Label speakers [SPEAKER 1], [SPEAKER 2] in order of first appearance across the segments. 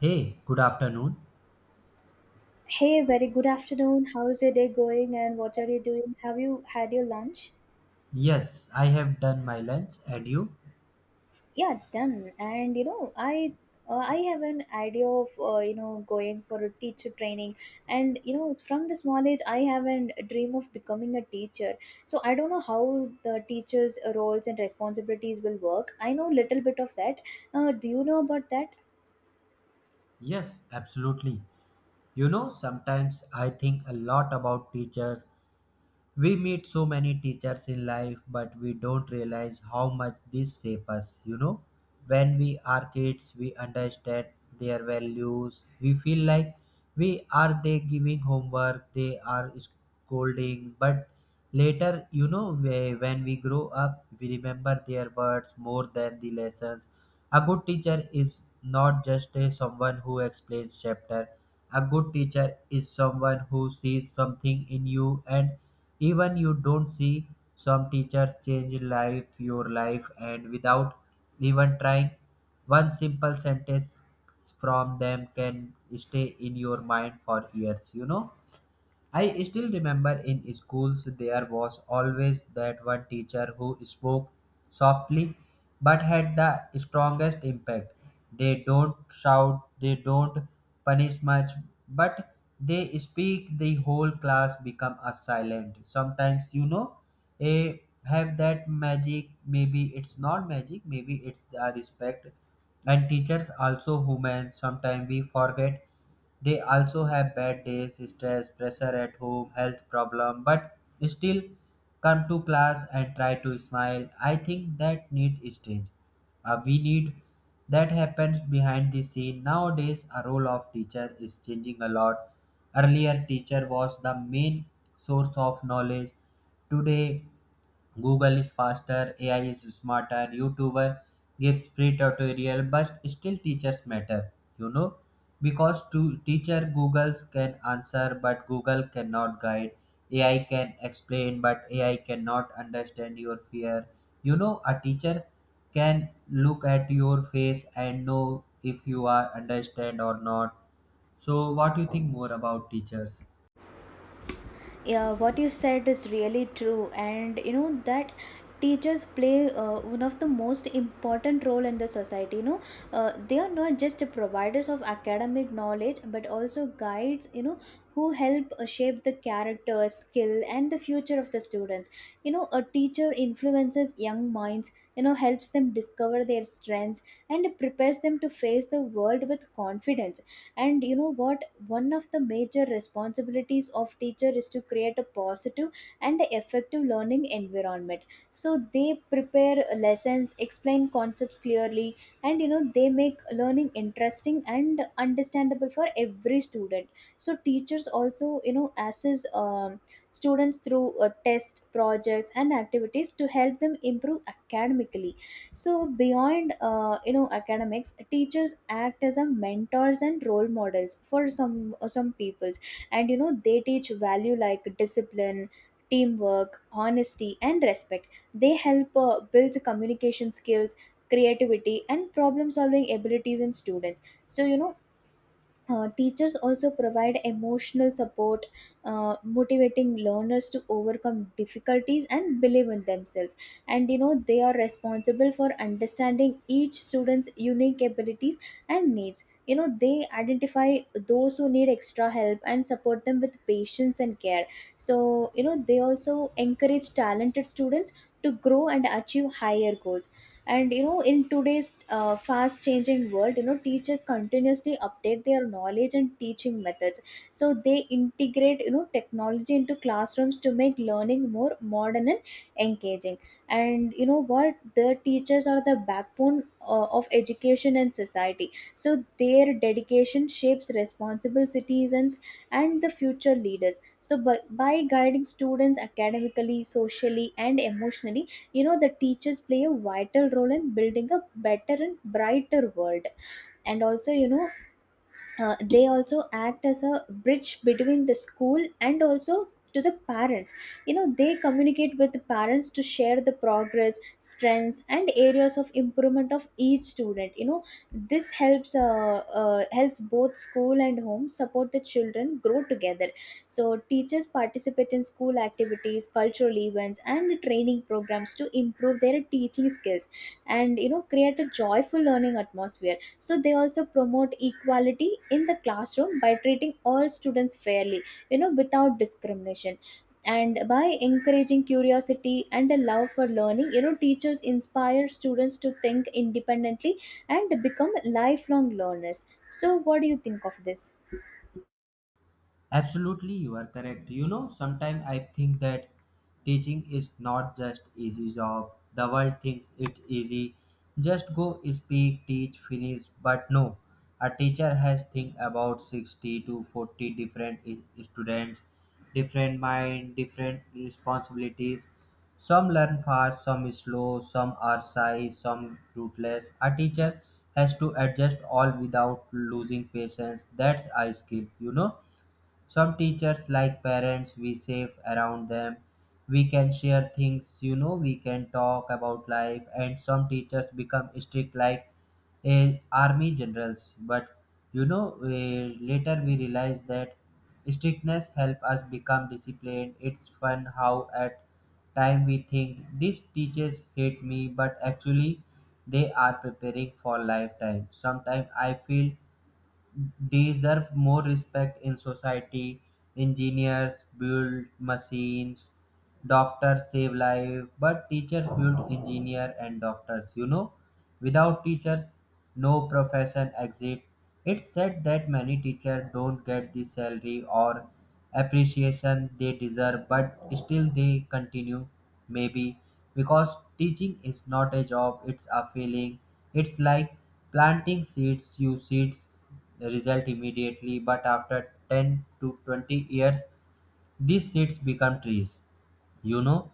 [SPEAKER 1] Hey, good afternoon.
[SPEAKER 2] Hey, very good afternoon. How's your day going and what are you doing? Have you had your lunch?
[SPEAKER 1] Yes, I have done my lunch and you?
[SPEAKER 2] Yeah, it's done. And you know, I have an idea of you know going for a teacher training, and you know from this knowledge I have a dream of becoming a teacher. So I don't know how the teacher's roles and responsibilities will work. I know little bit of that. Do you know about that?
[SPEAKER 1] Yes, absolutely. You know, sometimes I think a lot about teachers. We meet so many teachers in life, but we don't realize how much this shape us, When we are kids, we understand their values. We feel like we are they giving homework, they are scolding, but later, when we grow up, we remember their words more than the lessons. A good teacher is not just a, someone who explains chapter. A good teacher is someone who sees something in you and even you don't see. Some teachers change life your life and without even trying one simple sentence from them can stay in your mind for years, I still remember in schools there was always that one teacher who spoke softly but had the strongest impact. They don't shout, they don't punish much, but they speak the whole class become a silent. Sometimes a have that magic. Maybe it's not magic, maybe it's a respect. And teachers also humans, sometimes we forget they also have bad days, stress, pressure at home, health problem, but still come to class and try to smile. I think that need is change. We need that happens behind the scene. Nowadays a role of teacher is changing a lot. Earlier teacher was the main source of knowledge. Today Google is faster, AI is smarter, YouTuber gives free tutorial, but still teachers matter, you know because to teacher Googles can answer, but Google cannot guide. AI can explain, but AI cannot understand your fear, a teacher can look at your face and know if you are understand or not. So what do you think more about teachers?
[SPEAKER 2] Yeah, what you said is really true. And you know that teachers play one of the most important role in the society, you know. They are not just providers of academic knowledge but also guides, you know, who help shape the character, skill and the future of the students. You know, a teacher influences young minds, you know, helps them discover their strengths and prepares them to face the world with confidence. And you know what, one of the major responsibilities of teacher is to create a positive and effective learning environment. So they prepare lessons, explain concepts clearly, and you know they make learning interesting and understandable for every student. So teachers also, you know, assess students through test, projects and activities to help them improve academically. So beyond you know academics, teachers act as a mentors and role models for some peoples. And you know they teach value like discipline, teamwork, honesty and respect. They help build communication skills, creativity and problem solving abilities in students. So you know, teachers also provide emotional support, motivating learners to overcome difficulties and believe in themselves. And you know, they are responsible for understanding each student's unique abilities and needs. You know, they identify those who need extra help and support them with patience and care. So, you know, they also encourage talented students to grow and achieve higher goals. And you know, in today's fast changing world, you know, teachers continuously update their knowledge and teaching methods. So they integrate, you know, technology into classrooms to make learning more modern and engaging. And you know what, the teachers are the backbone of education and society, so their dedication shapes responsible citizens and the future leaders. So by guiding students academically, socially and emotionally, you know, the teachers play a vital role in building a better and brighter world. And also, you know, they also act as a bridge between the school and also to the parents. You know, they communicate with the parents to share the progress, strengths and areas of improvement of each student. You know, this helps helps both school and home support the children grow together. So teachers participate in school activities, cultural events and training programs to improve their teaching skills and you know create a joyful learning atmosphere. So they also promote equality in the classroom by treating all students fairly, you know, without discrimination. And by encouraging curiosity and a love for learning, you know, teachers inspire students to think independently and become lifelong learners. So what do you think of this?
[SPEAKER 1] Absolutely, you are correct. You know, sometimes I think that teaching is not just easy job. The world thinks it's easy. Just go speak, teach, finish. But no, a teacher has think about 60 to 40 different students, different mind, different responsibilities. Some learn fast, some slow, some are shy, some ruthless. A teacher has to adjust all without losing patience. That's a skill, you know. Some teachers, like parents, we safe around them. We can share things, you know, we can talk about life, and some teachers become strict, like a army generals. But you know, later we realize that strictness help us become disciplined. It's fun how at time we think these teachers hate me, but actually they are preparing for lifetime. Sometimes I feel deserve more respect in society. Engineers build machines, doctors save life, but teachers build engineer and doctors, you know. Without teachers, no profession exists. It's said that many teachers don't get the salary or appreciation they deserve, but still they continue, maybe because teaching is not a job, it's a feeling. It's like planting seeds, you seeds result immediately, but after 10 to 20 years, these seeds become trees, you know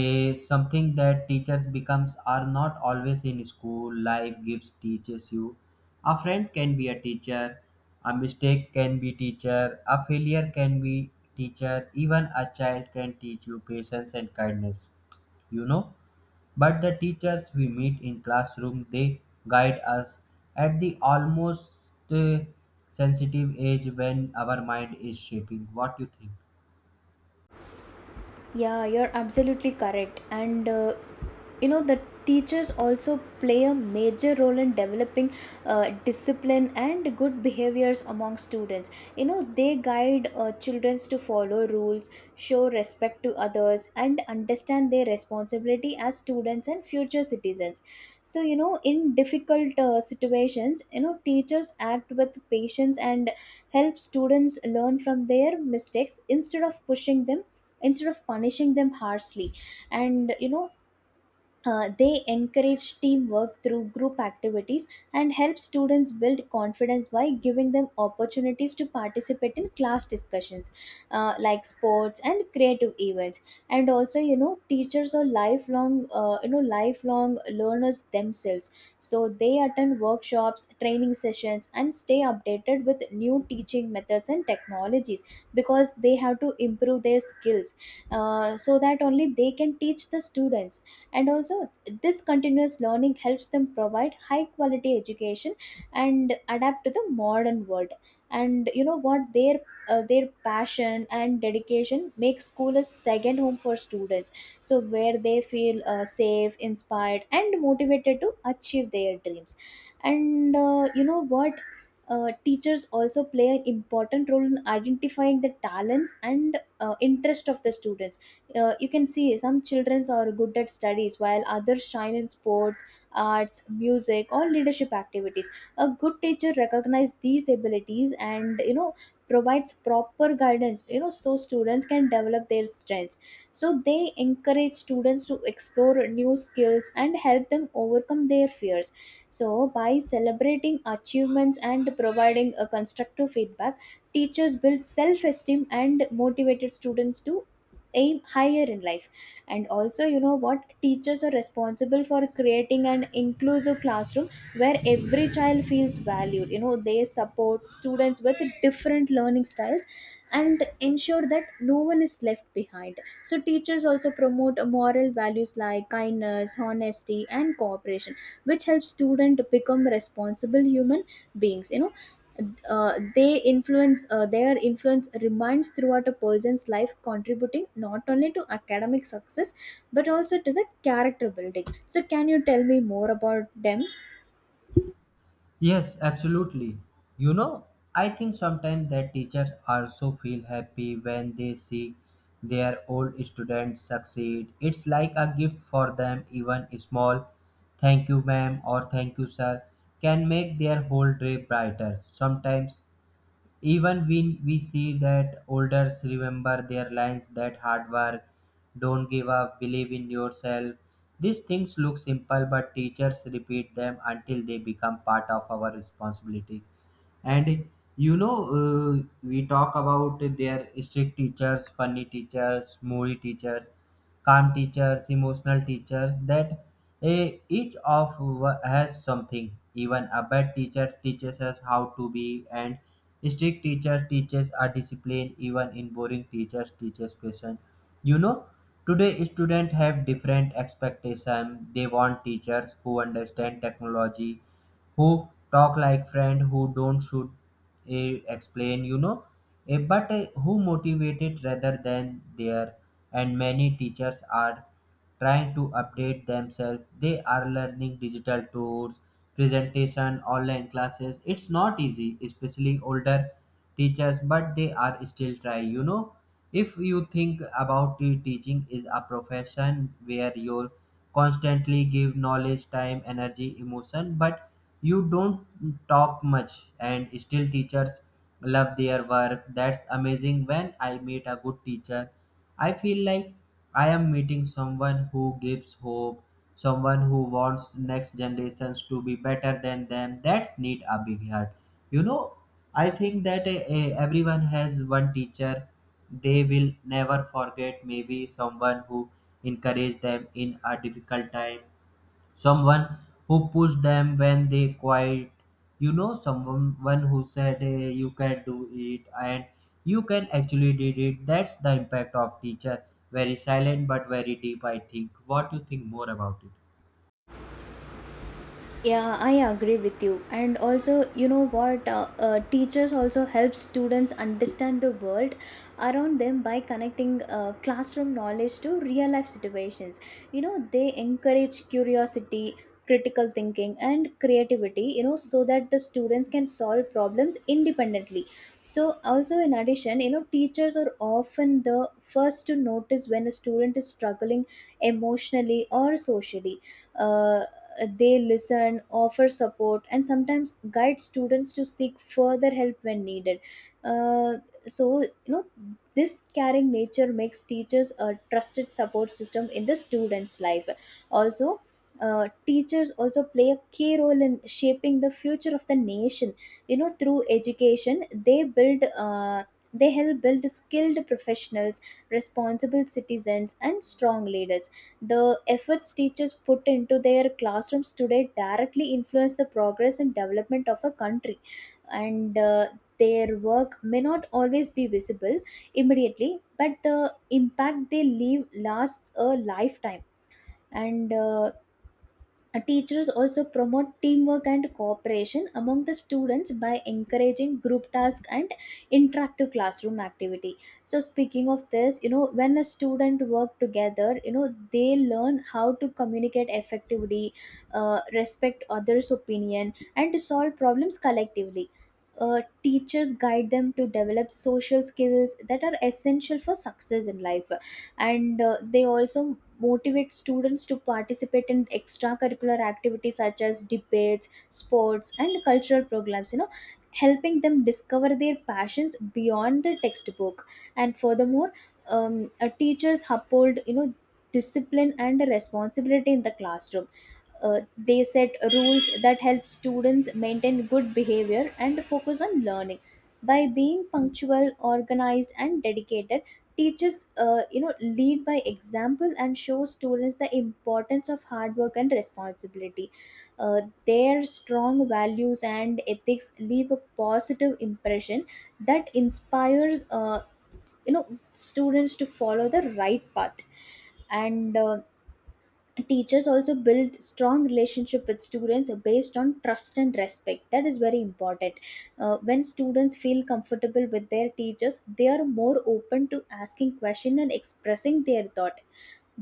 [SPEAKER 1] a something that teachers becomes are not always in school, life gives teaches you. A friend can be a teacher, a mistake can be teacher, a failure can be teacher, even a child can teach you patience and kindness, you know but the teachers we meet in classroom, they guide us at the almost sensitive age when our mind is shaping. What you think?
[SPEAKER 2] Yeah, you're absolutely correct. And you know, the teachers also play a major role in developing discipline and good behaviors among students. You know, they guide children to follow rules, show respect to others, and understand their responsibility as students and future citizens. So, you know, in difficult situations, you know, teachers act with patience and help students learn from their mistakes instead of pushing them, instead of punishing them harshly. And you know, they encourage teamwork through group activities and help students build confidence by giving them opportunities to participate in class discussions, like sports and creative events. And also, you know, teachers are lifelong you know lifelong learners themselves. So they attend workshops, training sessions and stay updated with new teaching methods and technologies because they have to improve their skills, so that only they can teach the students. And also, this continuous learning helps them provide high quality education and adapt to the modern world. And you know what, their passion and dedication make school a second home for students, so where they feel safe, inspired and motivated to achieve their dreams. And you know what, teachers also play an important role in identifying the talents and interest of the students. You can see some children are good at studies while others shine in sports, arts, music or leadership activities. A good teacher recognizes these abilities and, you know, provides proper guidance, you know, so students can develop their strengths. So they encourage students to explore new skills and help them overcome their fears. So by celebrating achievements and providing a constructive feedback, teachers build self-esteem and motivated students to aim higher in life. And also, you know what, teachers are responsible for creating an inclusive classroom where every child feels valued. You know, they support students with different learning styles and ensure that no one is left behind. So teachers also promote moral values like kindness, honesty and cooperation, which helps student become responsible human beings. You know, they influence their influence remains throughout a person's life, contributing not only to academic success but also to the character building. So can you tell me more about them?
[SPEAKER 1] Yes, absolutely. You know, I think sometimes that teachers also feel happy when they see their old students succeed. It's like a gift for them, even small thank you, ma'am, or thank you, sir, can make their whole day brighter. Sometimes even when we see that elders remember their lines that hard work, don't give up, believe in yourself. These things look simple but teachers repeat them until they become part of our responsibility. And you know, we talk about their strict teachers, funny teachers, moody teachers, calm teachers, emotional teachers. That each of has something. Even a bad teacher teaches us how to be, and strict teacher teaches a discipline. Even in boring teachers teaches patience. You know, today students have different expectation. They want teachers who understand technology, who talk like friend, who don't should explain, you know. But who motivated rather than there. And many teachers are trying to update themselves, they are learning digital tools, presentation, online classes. It's not easy, especially older teachers, but they are still trying, if you think about it, teaching is a profession where you constantly give knowledge, time, energy, emotion, but you don't talk much, and still teachers love their work. That's amazing. When I meet a good teacher, I feel like I am meeting someone who gives hope, someone who wants next generations to be better than them. That's need a big heart. You know, I think that everyone has one teacher they will never forget. Maybe someone who encouraged them in a difficult time, someone who pushed them when they quiet, someone who said, "Hey, you can do it," and you can actually did it. That's the impact of teacher, very silent but very deep. I think, what do you think more about it?
[SPEAKER 2] Yeah, I agree with you. And also, you know what, teachers also help students understand the world around them by connecting classroom knowledge to real life situations. You know, they encourage curiosity, critical thinking and creativity, you know, so that the students can solve problems independently. So also, in addition, you know, teachers are often the first to notice when a student is struggling emotionally or socially. Uh, They listen, offer support, and sometimes guide students to seek further help when needed. Uh, so, you know, this caring nature makes teachers a trusted support system in the student's life. Also, teachers also play a key role in shaping the future of the nation. You know, through education they build they help build skilled professionals, responsible citizens and strong leaders. The efforts teachers put into their classrooms today directly influence the progress and development of a country. And their work may not always be visible immediately, but the impact they leave lasts a lifetime. And teachers also promote teamwork and cooperation among the students by encouraging group task and interactive classroom activity. So speaking of this, you know, when a student work together, you know, they learn how to communicate effectively, respect others' opinion, and to solve problems collectively. Teachers guide them to develop social skills that are essential for success in life. And they also motivate students to participate in extracurricular activities such as debates, sports and cultural programs, you know, helping them discover their passions beyond the textbook. And furthermore, teachers uphold, you know, discipline and responsibility in the classroom. They set rules that help students maintain good behavior and focus on learning. By being punctual, organized and dedicated, teachers you know lead by example and show students the importance of hard work and responsibility. uh, their strong values and ethics leave a positive impression that inspires you know students to follow the right path. And teachers also build strong relationship with students based on trust and respect, that is very important. When students feel comfortable with their teachers they are more open to asking question and expressing their thought.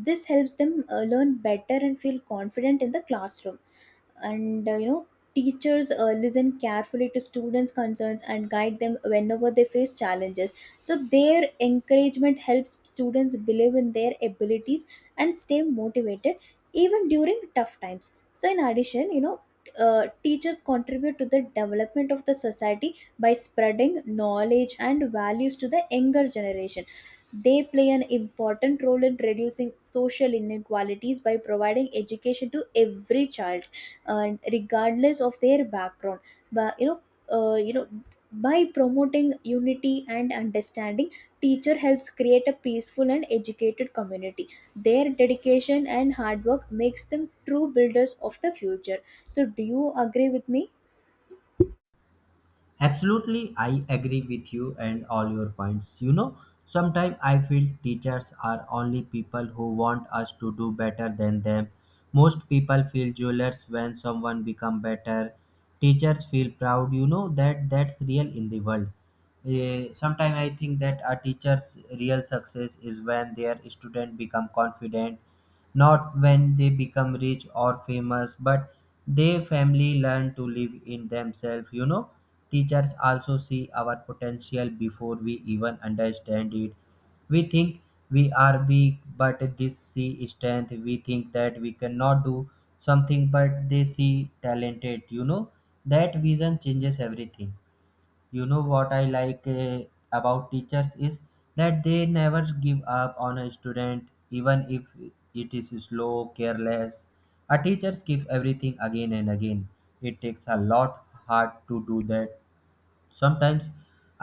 [SPEAKER 2] This helps them learn better and feel confident in the classroom. And you know teachers listen carefully to students concerns and guide them whenever they face challenges. So their encouragement helps students believe in their abilities and stay motivated even during tough times. So in addition, you know, teachers contribute to the development of the society by spreading knowledge and values to the younger generation. They play an important role in reducing social inequalities by providing education to every child, and regardless of their background. But you know, you know, by promoting unity and understanding, teacher helps create a peaceful and educated community. Their dedication and hard work makes them true builders of the future. So do you agree with me?
[SPEAKER 1] Absolutely, I agree with you and all your points. You know, sometimes I feel teachers are only people who want us to do better than them. Most people feel jealous when someone become better. Teachers feel proud. You know that 's real in the world. Sometimes I think that a teacher's real success is when their student become confident, not when they become rich or famous, but they family learn to live in themselves, teachers also see our potential before we even understand it. We think we are weak but they see strength. We think that we cannot do something but they see talented, that vision changes everything. You know what I like, about teachers is that they never give up on a student, even if it is slow, careless. A teachers give everything again and again. It takes a lot hard to do that. Sometimes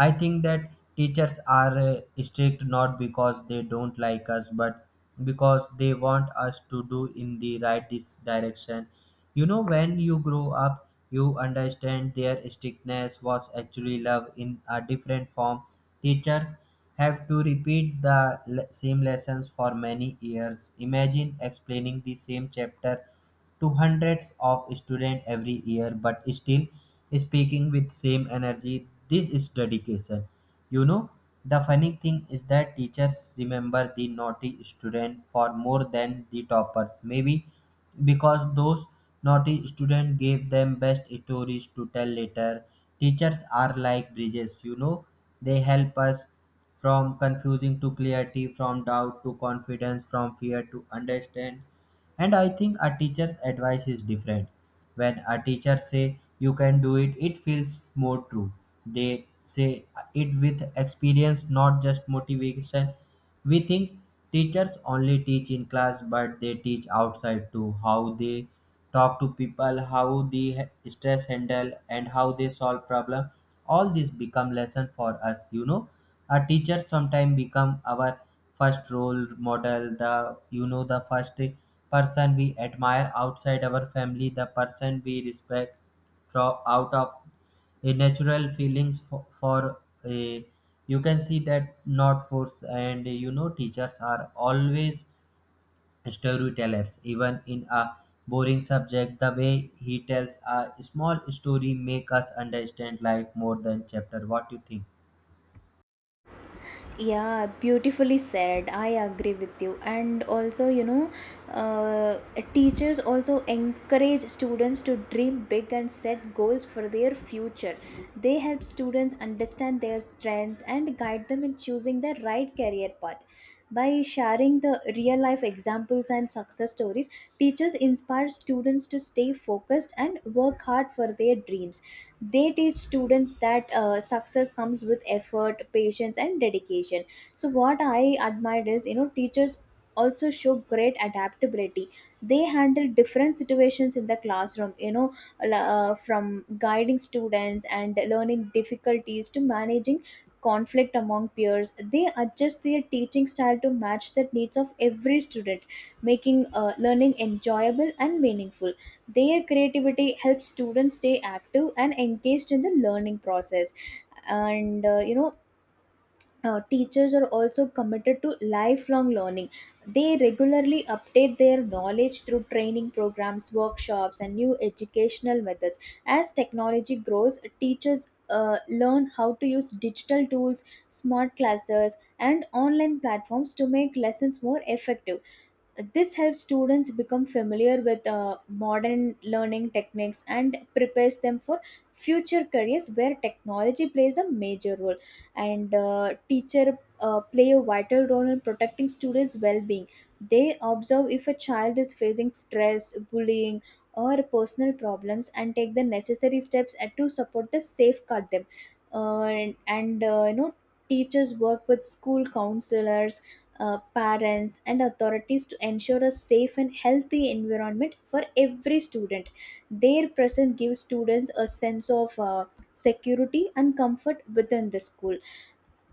[SPEAKER 1] I think that teachers are strict not because they don't like us but because they want us to do in the right direction. You know, when you grow up you understand their strictness was actually love in a different form. Teachers have to repeat the same lessons for many years. Imagine explaining the same chapter to hundreds of students every year, but still speaking with same energy. This is dedication, you know the funny thing is that teachers remember the naughty student for more than the toppers, maybe because those naughty students gave them best stories to tell later. Teachers are like bridges, you know, they help us from confusing to clarity, from doubt to confidence, from fear to understand. And I think a teacher's advice is different. When a teacher say you can do it, it feels more true. They say it with experience, not just motivation. We think teachers only teach in class but they teach outside too. How they talk to people, how they stress handle, and how they solve problem, all this become lesson for us, a teacher sometimes become our first role model, the the first person we admire outside our family, the person we respect from out of a natural feelings for, a, you can see that not force. And you know teachers are always storytellers. Even in a boring subject the way he tells a small story make us understand life more than chapter. What do you think?
[SPEAKER 2] Yeah, beautifully said. I agree with you. And also, you know, uh, teachers also encourage students to dream big and set goals for their future. They help students understand their strengths and guide them in choosing the right career path. By sharing the real life examples and success stories, teachers inspire students to stay focused and work hard for their dreams. They teach students that success comes with effort, patience and dedication. So what I admire is, you know, teachers also show great adaptability. They handle different situations in the classroom, you know, from guiding students and learning difficulties to managing conflict among peers. They adjust their teaching style to match the needs of every student, making learning enjoyable and meaningful. Their creativity helps students stay active and engaged in the learning process. And you know, teachers are also committed to lifelong learning. They regularly update their knowledge through training programs, workshops, and new educational methods. As technology grows, teachers learn how to use digital tools, smart classes, and online platforms to make lessons more effective. This helps students become familiar with modern learning techniques and prepares them for future careers where technology plays a major role. And teacher play a vital role in protecting students' well-being. They observe if a child is facing stress, bullying, or personal problems, and take the necessary steps to support the safeguard them. You know, teachers work with school counselors, parents and authorities to ensure a safe and healthy environment for every student. Their presence gives students a sense of security and comfort within the school.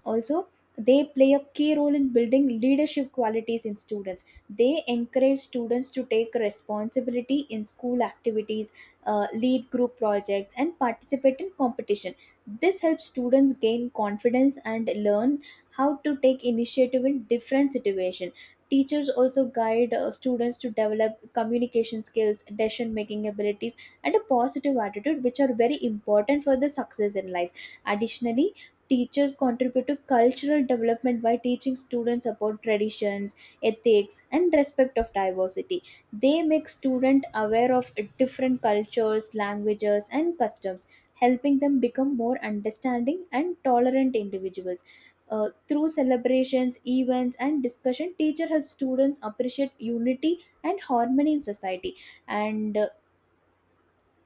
[SPEAKER 2] Also, they play a key role in building leadership qualities in students. They encourage students to take responsibility in school activities, lead group projects, and participate in competition. This helps students gain confidence and learn how to take initiative in different situations. Teachers also guide students to develop communication skills, decision making abilities, and a positive attitude, which are very important for the success in life. Additionally, teachers contribute to cultural development by teaching students about traditions, ethics, and respect of diversity. They make students aware of different cultures, languages, and customs, helping them become more understanding and tolerant individuals. Through celebrations, events, and discussion, teacher helps students appreciate unity and harmony in society. and uh,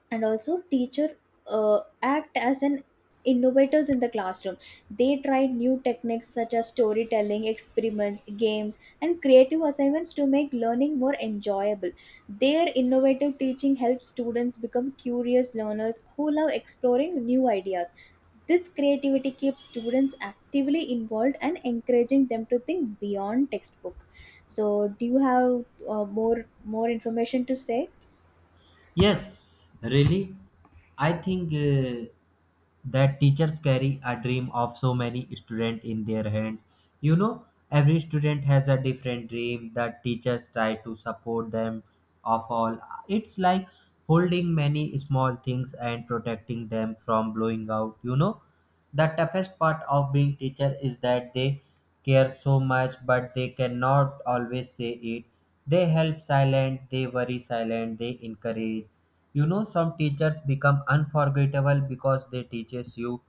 [SPEAKER 2] and also teacher act as an innovators in the classroom. They tried new techniques such as storytelling, experiments, games and creative assignments to make learning more enjoyable. Their innovative teaching helps students become curious learners who love exploring new ideas. This creativity keeps students actively involved and encouraging them to think beyond textbook. So do you have uh, more more information to say?
[SPEAKER 1] Yes, really. I think that teachers carry a dream of so many students in their hands. You know, every student has a different dream that teachers try to support them of all. It's like holding many small things and protecting them from blowing out, The toughest part of being teacher is that they care so much but they cannot always say it. They help silent, they worry silent, they encourage. You know some teachers become unforgettable because they teaches you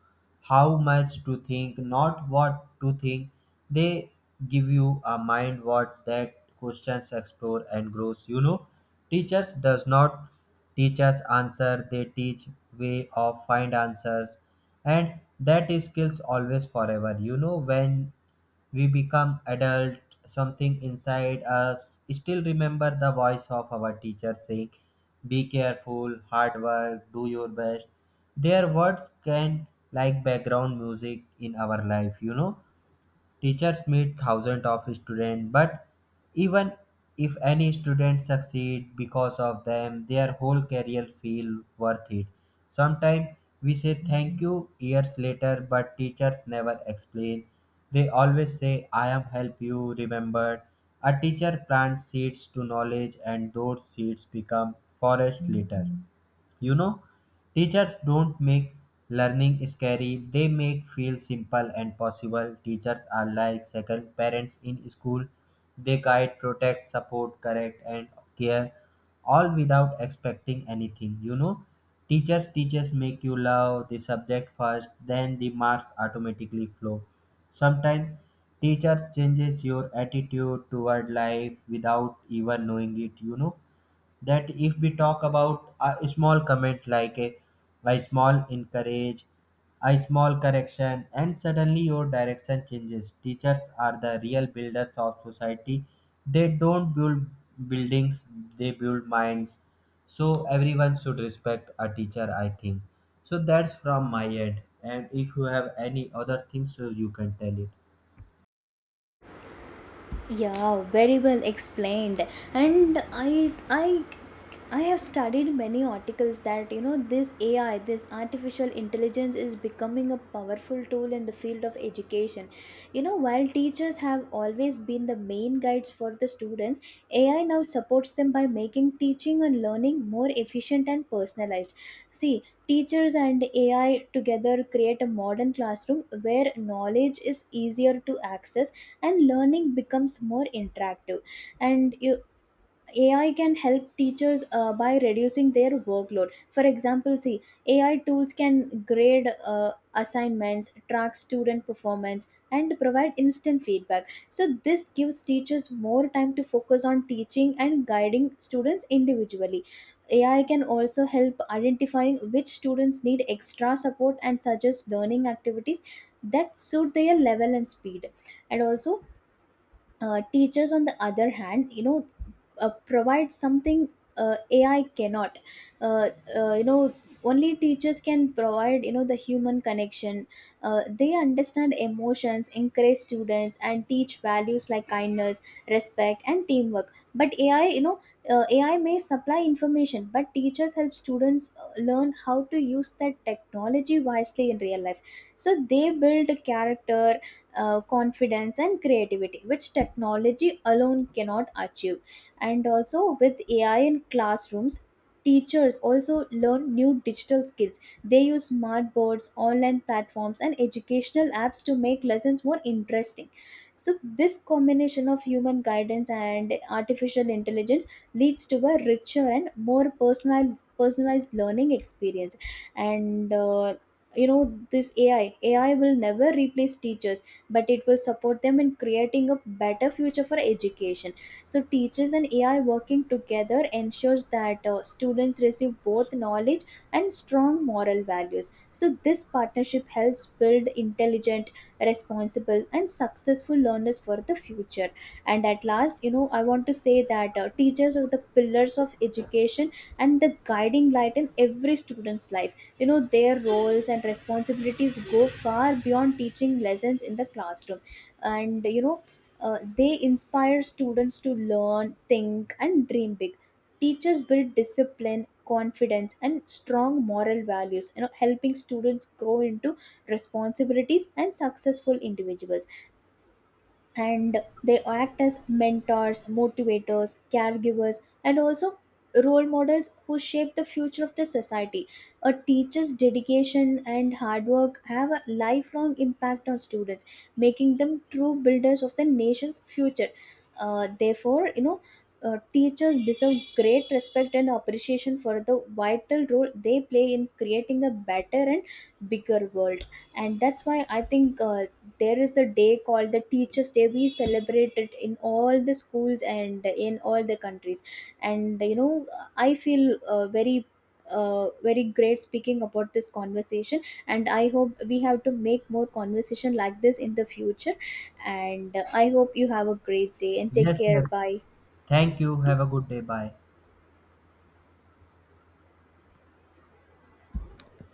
[SPEAKER 1] how much to think, not what to think. They give you a mind what that questions explore and grows. You know, teachers does not teachers answer they teach way of find answers. And that skills always forever, you know, when we become adult, something inside us still remember the voice of our teacher saying be careful, hard work, do your best. Their words can like background music in our life, Teachers meet thousands of students, but even if any student succeed because of them, their whole career feel worth it. Sometimes we say thank you years later, but teachers never explain. They always say, I am help you remember. A teacher plants seeds to knowledge and those seeds become forest later. You know, teachers don't make learning scary, they make feel simple and possible. Teachers are like second parents in school. They guide, protect, support, correct and care, all without expecting anything. You know, teachers make you love the subject first, then the marks automatically flow. Sometimes teachers changes your attitude toward life without even knowing it, you know, that if we talk about a small comment like a small encourage, a small correction, and suddenly your direction changes. Teachers are the real builders of society. They don't build buildings, they build minds. So everyone should respect a teacher, I think. So that's from my end, and if you have any other things so you can tell it.
[SPEAKER 2] Yeah, very well explained. And I have studied many articles that, you know, this AI, this artificial intelligence is becoming a powerful tool in the field of education. You know, while teachers have always been the main guides for the students, AI now supports them by making teaching and learning more efficient and personalized. See, teachers and AI together create a modern classroom where knowledge is easier to access and learning becomes more interactive. And you, AI can help teachers by reducing their workload. For example, see, AI tools can grade uh, assignments, track student performance and provide instant feedback. So this gives teachers more time to focus on teaching and guiding students individually. AI can also help identifying which students need extra support and suggest learning activities that suit their level and speed. And also, teachers on the other hand, you know, provide something AI cannot. uh, you know, only teachers can provide, you know, the human connection. They understand emotions, encourage students and teach values like kindness, respect and teamwork. But AI, you know, AI may supply information, but teachers help students learn how to use that technology wisely in real life. So they build character, confidence and creativity, which technology alone cannot achieve. And also, with AI in classrooms, teachers also learn new digital skills. They use smart boards, online platforms and educational apps to make lessons more interesting. So this combination of human guidance and artificial intelligence leads to a richer and more personalized learning experience. And you know, this AI will never replace teachers, but it will support them in creating a better future for education. So, teachers and AI working together ensures that students receive both knowledge and strong moral values. So, this partnership helps build intelligent, responsible, and successful learners for the future. And at last, you know, I want to say that teachers are the pillars of education and the guiding light in every student's life. You know, their roles and responsibilities go far beyond teaching lessons in the classroom. And, you know, they inspire students to learn, think, and dream big. Teachers build discipline, confidence, and strong moral values, you know, helping students grow into responsibilities and successful individuals, and they act as mentors, motivators, caregivers, and also role models who shape the future of the society. A teacher's dedication and hard work have a lifelong impact on students, making them true builders of the nation's future. Therefore, you know, teachers deserve great respect and appreciation for the vital role they play in creating a better and bigger world. And that's why I think there is a day called the teachers day. We celebrate it in all the schools and in all the countries. And you know, I feel very great speaking about this conversation, and I hope we have to make more conversation like this in the future. And I hope you have a great day and take
[SPEAKER 1] Yes,
[SPEAKER 2] care.
[SPEAKER 1] yes,
[SPEAKER 2] Bye.
[SPEAKER 1] thank you, have a good day, bye.